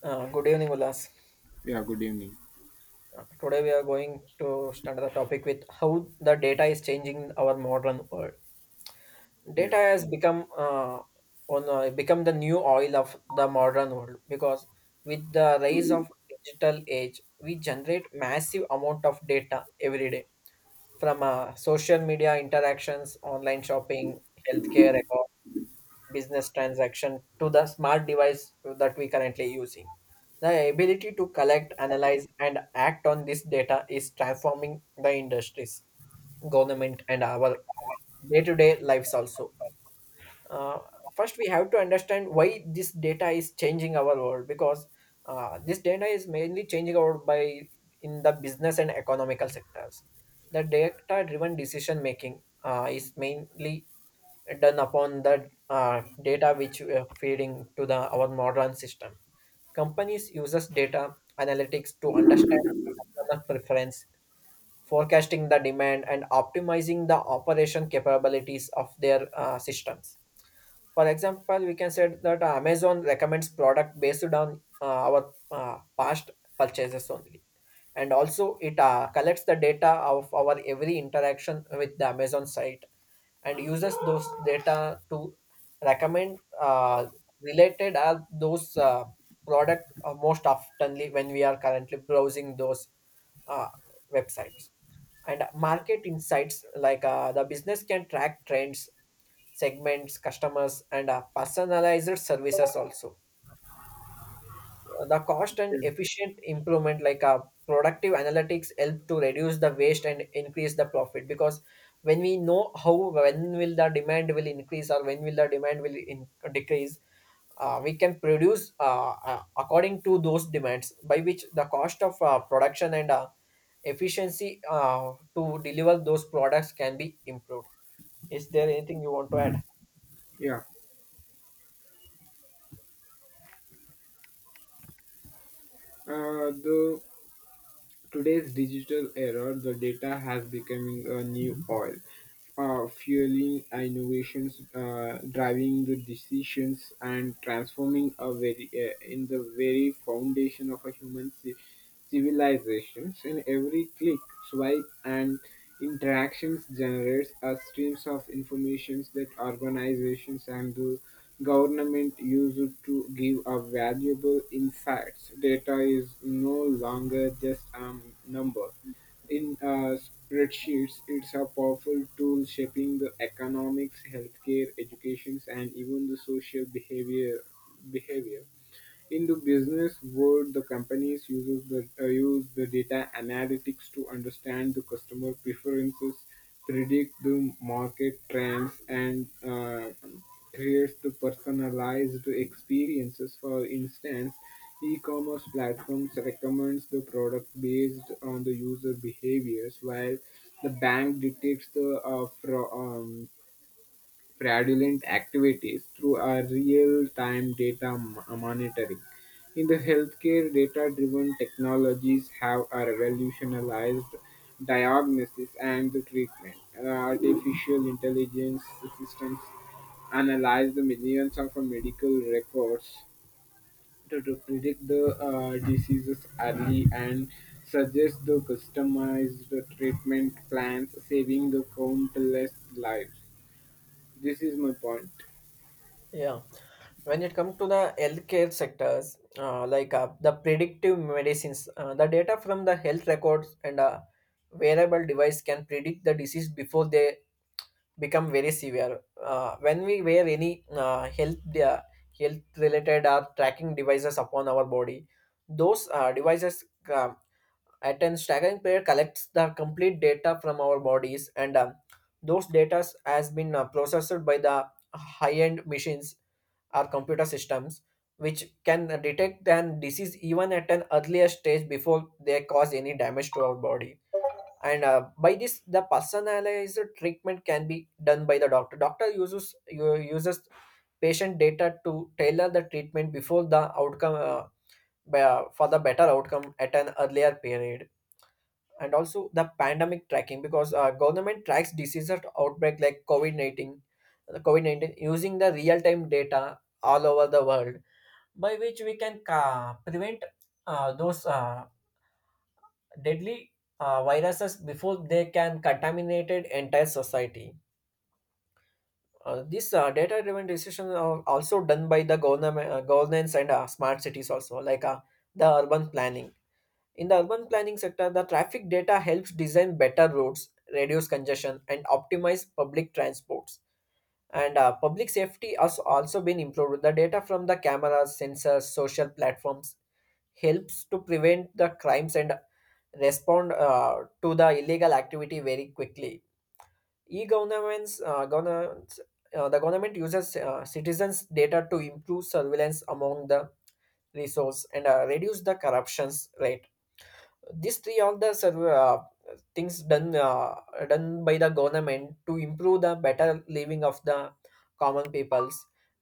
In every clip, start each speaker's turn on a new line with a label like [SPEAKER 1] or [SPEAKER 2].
[SPEAKER 1] Good evening, Ulas.
[SPEAKER 2] Yeah, good evening.
[SPEAKER 1] Today we are going to start the topic with how the data is changing our modern world.
[SPEAKER 2] Yeah.
[SPEAKER 1] Data has become the new oil of the modern world because with the rise of digital age, we generate massive amount of data every day from social media interactions, online shopping, healthcare records business transaction to the smart device that we currently using. The ability to collect, analyze, and act on this data is transforming the industries, government, and our day-to-day lives also. Uh, First, we have to understand why this data is changing our world because this data is mainly changing our world by in the business and economical sectors. The data-driven decision making is mainly done upon the data which we are feeding to the our modern system. Companies uses data analytics to understand customer preference, forecasting the demand, and optimizing the operation capabilities of their systems. For example, we can say that Amazon recommends product based on our past purchases only. And also, it collects the data of our every interaction with the Amazon site and uses those data to recommend related are those product most oftenly when we are currently browsing those uh, websites and market insights like the business can track trends segments customers and personalized services also the cost and
[SPEAKER 2] Yeah.
[SPEAKER 1] efficient improvement like productive analytics help to reduce the waste and increase the profit because when we know how when will the demand will increase or when will the demand decrease we can produce according to those demands by which the cost of production and efficiency to deliver those products can be improved. Is there anything you want to add?
[SPEAKER 2] Yeah. The today's digital era, the data has becoming a new oil, fueling innovations, driving the decisions, and transforming a very in the very foundation of a human civilizations. In every click, swipe, and interactions generates a streams of informations that organizations and the Government used to give a valuable insights. Data is no longer just a number. In spreadsheets, it's a powerful tool shaping the economics, healthcare, educations, and even the social behavior. Behavior. In the business world, the companies use the data analytics to understand the customer preferences, predict the market trends, and creates the personalized experiences. For instance, e-commerce platforms recommends the product based on the user behaviors, while the bank detects the fraudulent activities through a real-time data monitoring. In the healthcare, data-driven technologies have a revolutionized diagnosis and the treatment. Artificial intelligence systems analyze the millions of medical records to predict the diseases early and suggest the customized treatment plans, saving the countless lives. This is my point.
[SPEAKER 1] Yeah. When it comes to the healthcare sectors, like the predictive medicines, the data from the health records and a wearable device can predict the disease before they become very severe. When we wear any health related or tracking devices upon our body, those devices uh, at an tracking period collects the complete data from our bodies and those data has been processed by the high end machines or computer systems which can detect an disease even at an earlier stage before they cause any damage to our body. And by this the personalized treatment can be done by the doctor. Uses u- uses patient data to tailor the treatment before the outcome for the better outcome at an earlier period. And also the pandemic tracking, because government tracks disease outbreak like covid-19 using the real-time data all over the world, by which we can prevent those deadly viruses before they can contaminate entire society. This data-driven decisions are also done by the government, governance and smart cities also, like the urban planning. In the urban planning sector, the traffic data helps design better roads, reduce congestion, and optimize public transports. And public safety has also been improved. The data from the cameras, sensors, social platforms, helps to prevent the crimes and respond to the illegal activity very quickly. E-governments, governance, the government uses citizens' data to improve surveillance among the resource and reduce the corruptions rate. These three are the things done by the government to improve the better living of the common peoples.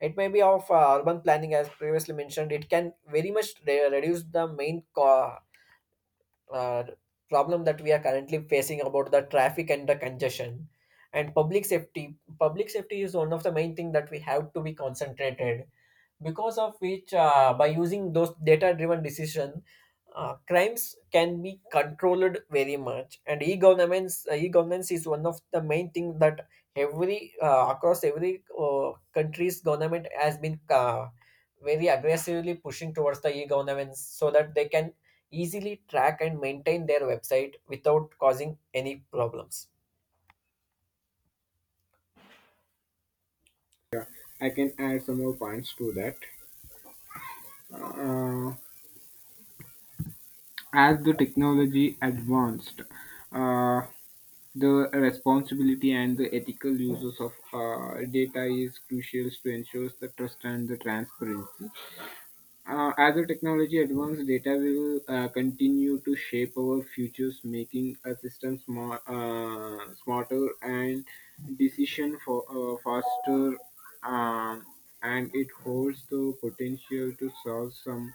[SPEAKER 1] It may be of urban planning, as previously mentioned. It can very much reduce the main uh, problem that we are currently facing about the traffic and the congestion. And public safety is one of the main thing that we have to be concentrated, because of which by using those data driven decision, crimes can be controlled very much. And e-governance is one of the main thing that every across every country's government has been very aggressively pushing towards the e-governance so that they can easily track and maintain their website without causing any problems.
[SPEAKER 2] I can add some more points to that. Uh, as the technology advanced, uh, the responsibility and the ethical uses of data is crucial to ensure the trust and the transparency. As the technology advances, data will continue to shape our futures, making a system smarter and decision for faster. Um, and it holds the potential to solve some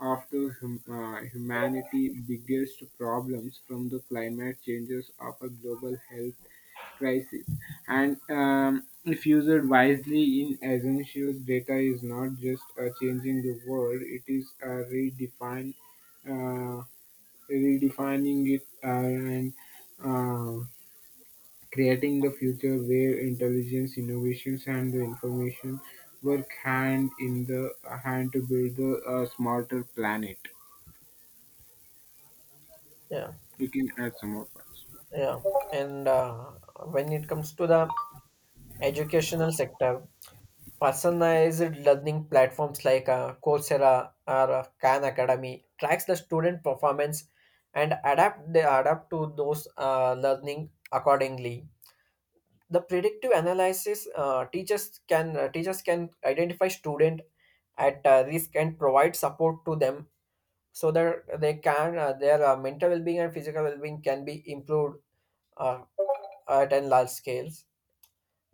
[SPEAKER 2] of the humanity biggest problems, from the climate changes of a global health crisis and if used wisely in essentials data is not just changing the world it is redefine uh, redefining it and uh, creating the future where intelligence innovations and the information work hand in the hand to build the smarter planet.
[SPEAKER 1] Yeah.
[SPEAKER 2] You can add some more points.
[SPEAKER 1] Yeah, and when it comes to the educational sector, personalized learning platforms like Coursera or Khan Academy tracks the student performance and adapt they adapt to those learning accordingly. The predictive analysis, teachers can identify student at risk and provide support to them so that they can their mental well-being and physical well-being can be improved uh, at a large scale.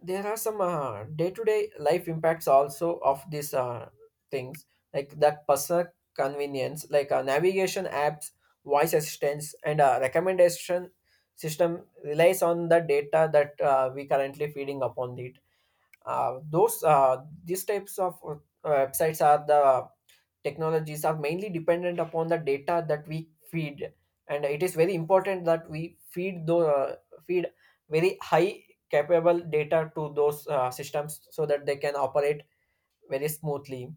[SPEAKER 1] There are some day-to-day life impacts also of these things like that person convenience, like navigation apps, voice assistance and recommendation system relies on the data that we currently feeding upon it. Those These types of websites are the technologies are mainly dependent upon the data that we feed, and it is very important that we feed the feed very high capable data to those systems so that they can operate very smoothly.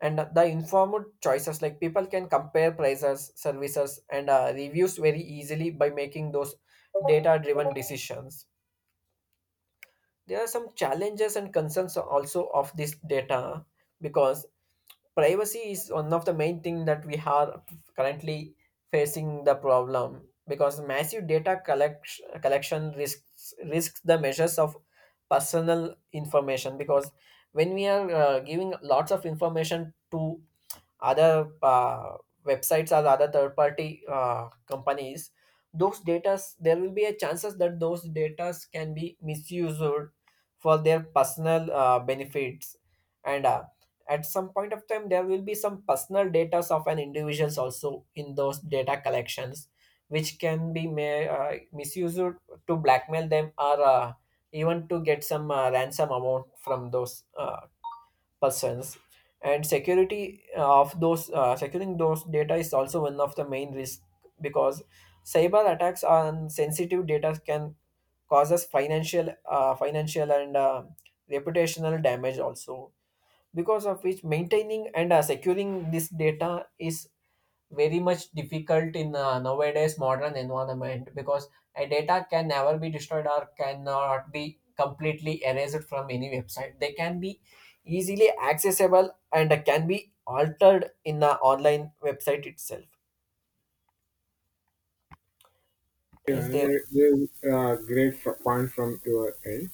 [SPEAKER 1] And the informed choices, like people can compare prices services and reviews very easily by making those data driven decisions. There are some challenges and concerns also of this data, because privacy is one of the main thing that we are currently facing the problem, because massive data collect collection risks the measures of personal information. Because when we are giving lots of information to other websites or other third party companies, those data, there will be a chances that those data can be misused for their personal benefits. And at some point of time there will be some personal data of an individuals also in those data collections, which can be misused to blackmail them or even to get some ransom amount from those persons. And security of those securing those data is also one of the main risk, because cyber attacks on sensitive data can cause us financial and reputational damage also, because of which maintaining and securing this data is very much difficult in nowadays modern environment, because a data can never be destroyed or cannot be completely erased from any website. They can be easily accessible and can be altered in the online website itself.
[SPEAKER 2] Yeah,
[SPEAKER 1] Is there?
[SPEAKER 2] great point from your end.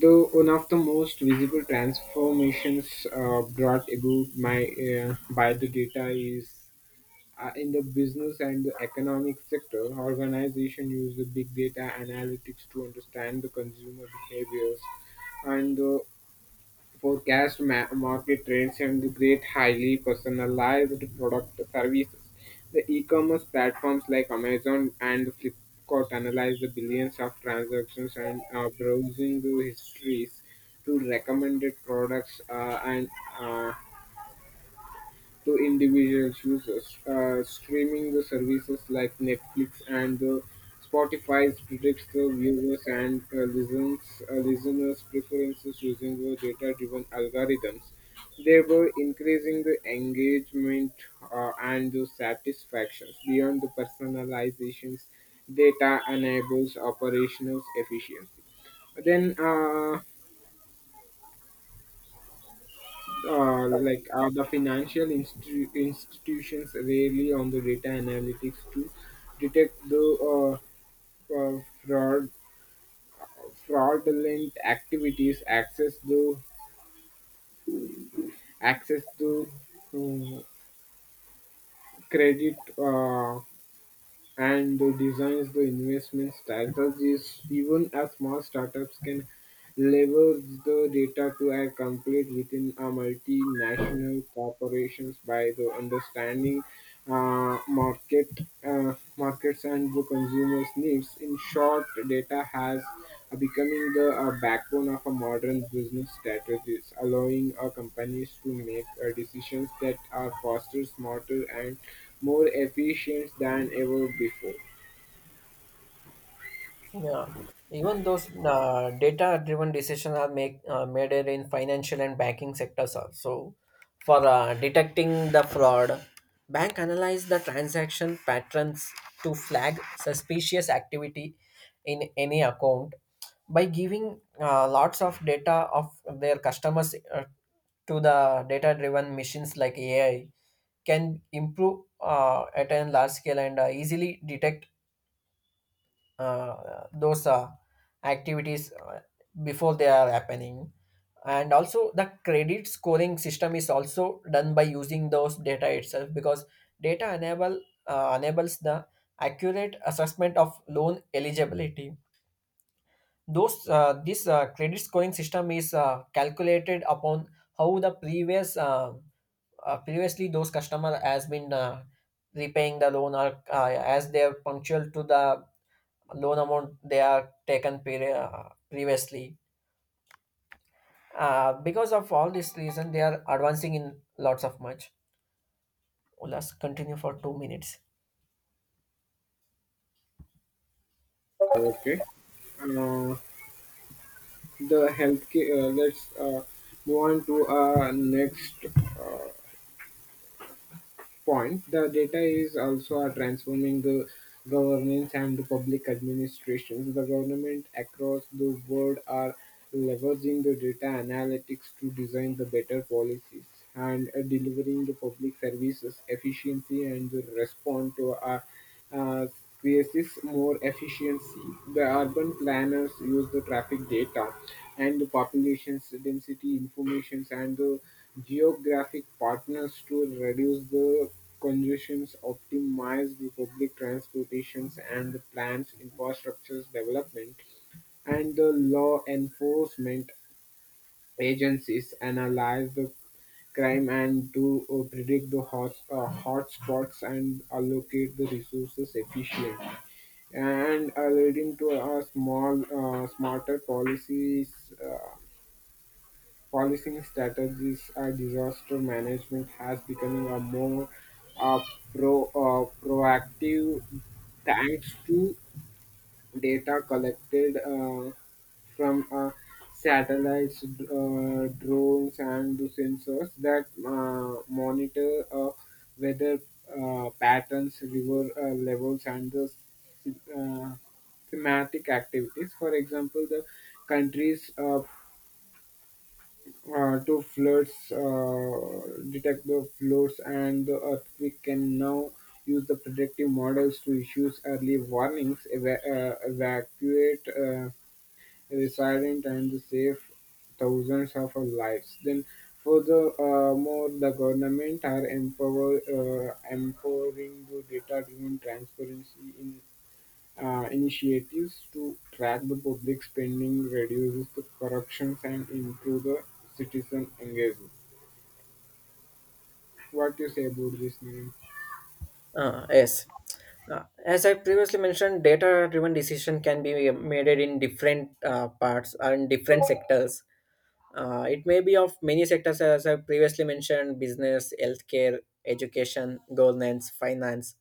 [SPEAKER 2] Though one of the most visible transformations brought about by the data is in the business and the economic sector. Organization use the big data analytics to understand the consumer behaviors and the forecast market trends and the great highly personalized product services. The e-commerce platforms like Amazon and Flipkart analyze the billions of transactions and browsing the histories to recommended products and uh, to individual users. Streaming the services like Netflix and Spotify predicts the viewers and listeners' preferences using the data-driven algorithms. They were increasing the engagement and the satisfactions beyond the personalizations. Data enables operational efficiency. Then uh, the financial institutions rely on the data analytics to detect the uh, uh, fraud fraudulent activities access the um, credit and the designs the investment strategies even as small startups can leverage the data to act complete within a multinational corporations by the understanding uh, market markets and the consumers needs. In short data has becoming the backbone of a modern business strategies, allowing our companies to make decisions that are faster, smarter, and more efficient than ever before.
[SPEAKER 1] Yeah, even those data driven decisions are made in financial and banking sectors also. For detecting the fraud, bank analyze the transaction patterns to flag suspicious activity in any account by giving lots of data of their customers to the data-driven machines like AI. Can improve at a large scale and easily detect those activities before they are happening. And also the credit scoring system is also done by using those data itself, because data enables the accurate assessment of loan eligibility. Those this credit scoring system is calculated upon how the previous previously those customer has been repaying the loan, or as they are punctual to the loan amount they are taken previously. Because of all this reason, they are advancing in lots of much. Let's continue for 2 minutes.
[SPEAKER 2] Okay. Uh, the healthcare. Let's move on to our next point. The data is also transforming the governance and the public administrations. The government across the world are leveraging the data analytics to design the better policies and delivering the public services efficiency and the respond to our uh, creates more efficiency. The urban planners use the traffic data and the population's density informations and the geographic partners to reduce the congestions, optimize the public transportations and the plans infrastructures development, and the law enforcement agencies analyze the crime and to predict the hotspots and allocate the resources efficiently and leading to a small smarter policies policing strategies. Uh, disaster management has becoming a more uh, proactive thanks to data collected from satellites, drones, and the sensors that monitor weather patterns, river levels, and the uh, thematic activities. For example, the country's uh, to floods, uh, detect the floods and the earthquake can now use the predictive models to issue early warnings, evacuate resilient and save thousands of lives. Then furthermore, the government are empowering the data-driven transparency in initiatives to track the public spending reduces the corruption and improve the citizen engagement. What do you say about this, Nirin?
[SPEAKER 1] Yes. As I previously mentioned, data-driven decision can be made in different parts and different sectors. It may be of many sectors, as I previously mentioned: business, healthcare, education, governance, finance,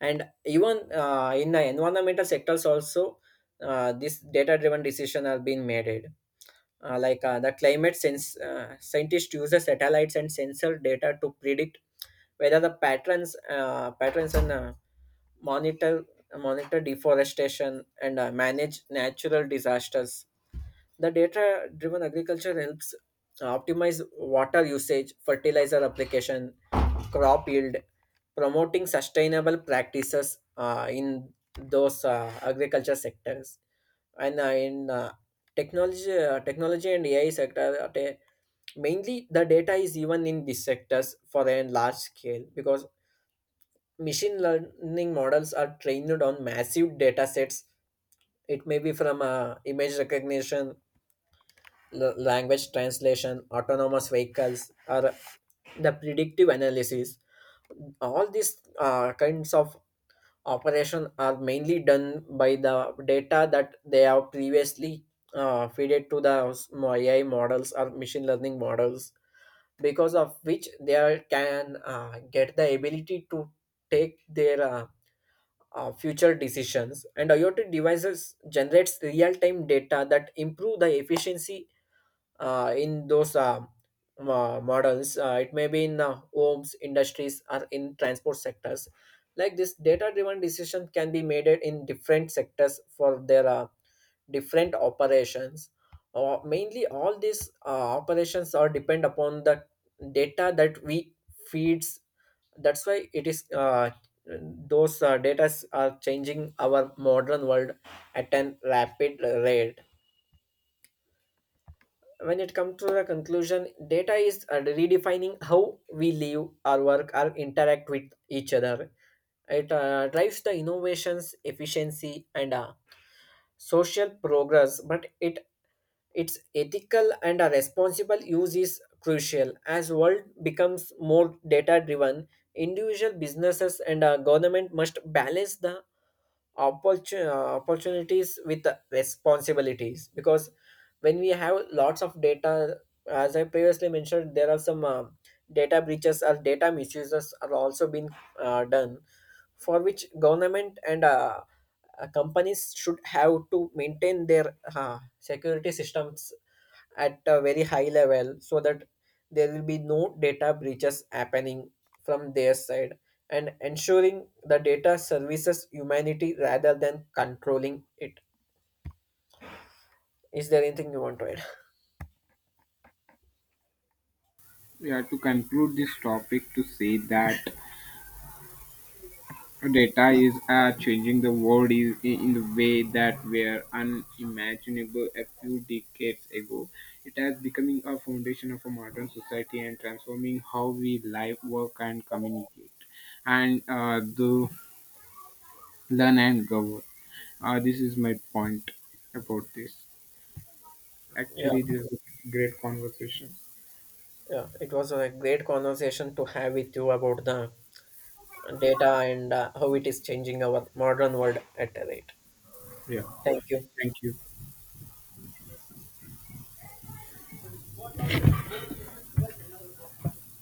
[SPEAKER 1] and even in the environmental sectors also. This data driven decision have been made like the climate sense scientists use the satellites and sensor data to predict whether the patterns and monitor monitor deforestation and manage natural disasters. The data driven agriculture helps optimize water usage, fertilizer application, crop yield, promoting sustainable practices in those agriculture sectors. And technology and AI sector, mainly the data is even in these sectors for a large scale, because machine learning models are trained on massive data sets. It may be from image recognition, language translation, autonomous vehicles, or the predictive analysis. All these kinds of operation are mainly done by the data that they have previously fed to the AI models or machine learning models, because of which they are, can get the ability to take their future decisions. And IoT devices generates real-time data that improve the efficiency in those models. It may be in homes, industries, or in transport sectors. Like this, data-driven decision can be made it in different sectors for their different operations. Mainly, all these operations are depend upon the data that we feeds. That's why it is those data are changing our modern world at an rapid rate. When it comes to the conclusion, data is redefining how we live our work or interact with each other. It drives the innovations efficiency and social progress, but it its ethical and responsible use is crucial as world becomes more data driven. Individual businesses and government must balance the opportunities with the responsibilities. Because when we have lots of data, as I previously mentioned, there are some data breaches or data misuses are also being done, for which government and companies should have to maintain their security systems at a very high level so that there will be no data breaches happening from their side, and ensuring the data services humanity rather than controlling it. Is there anything you want to add?
[SPEAKER 2] Yeah, to conclude this topic, to say that data is changing the world is in the way that were unimaginable a few decades ago. It has becoming a foundation of a modern society and transforming how we live, work, and communicate, and the learn and govern. Ah, this is my point about this.
[SPEAKER 1] Yeah.
[SPEAKER 2] Actually, this is a great conversation.
[SPEAKER 1] Yeah, it was a great conversation to have with you about the data and how it is changing our modern world at a rate.
[SPEAKER 2] Yeah,
[SPEAKER 1] Thank you.
[SPEAKER 2] thank you.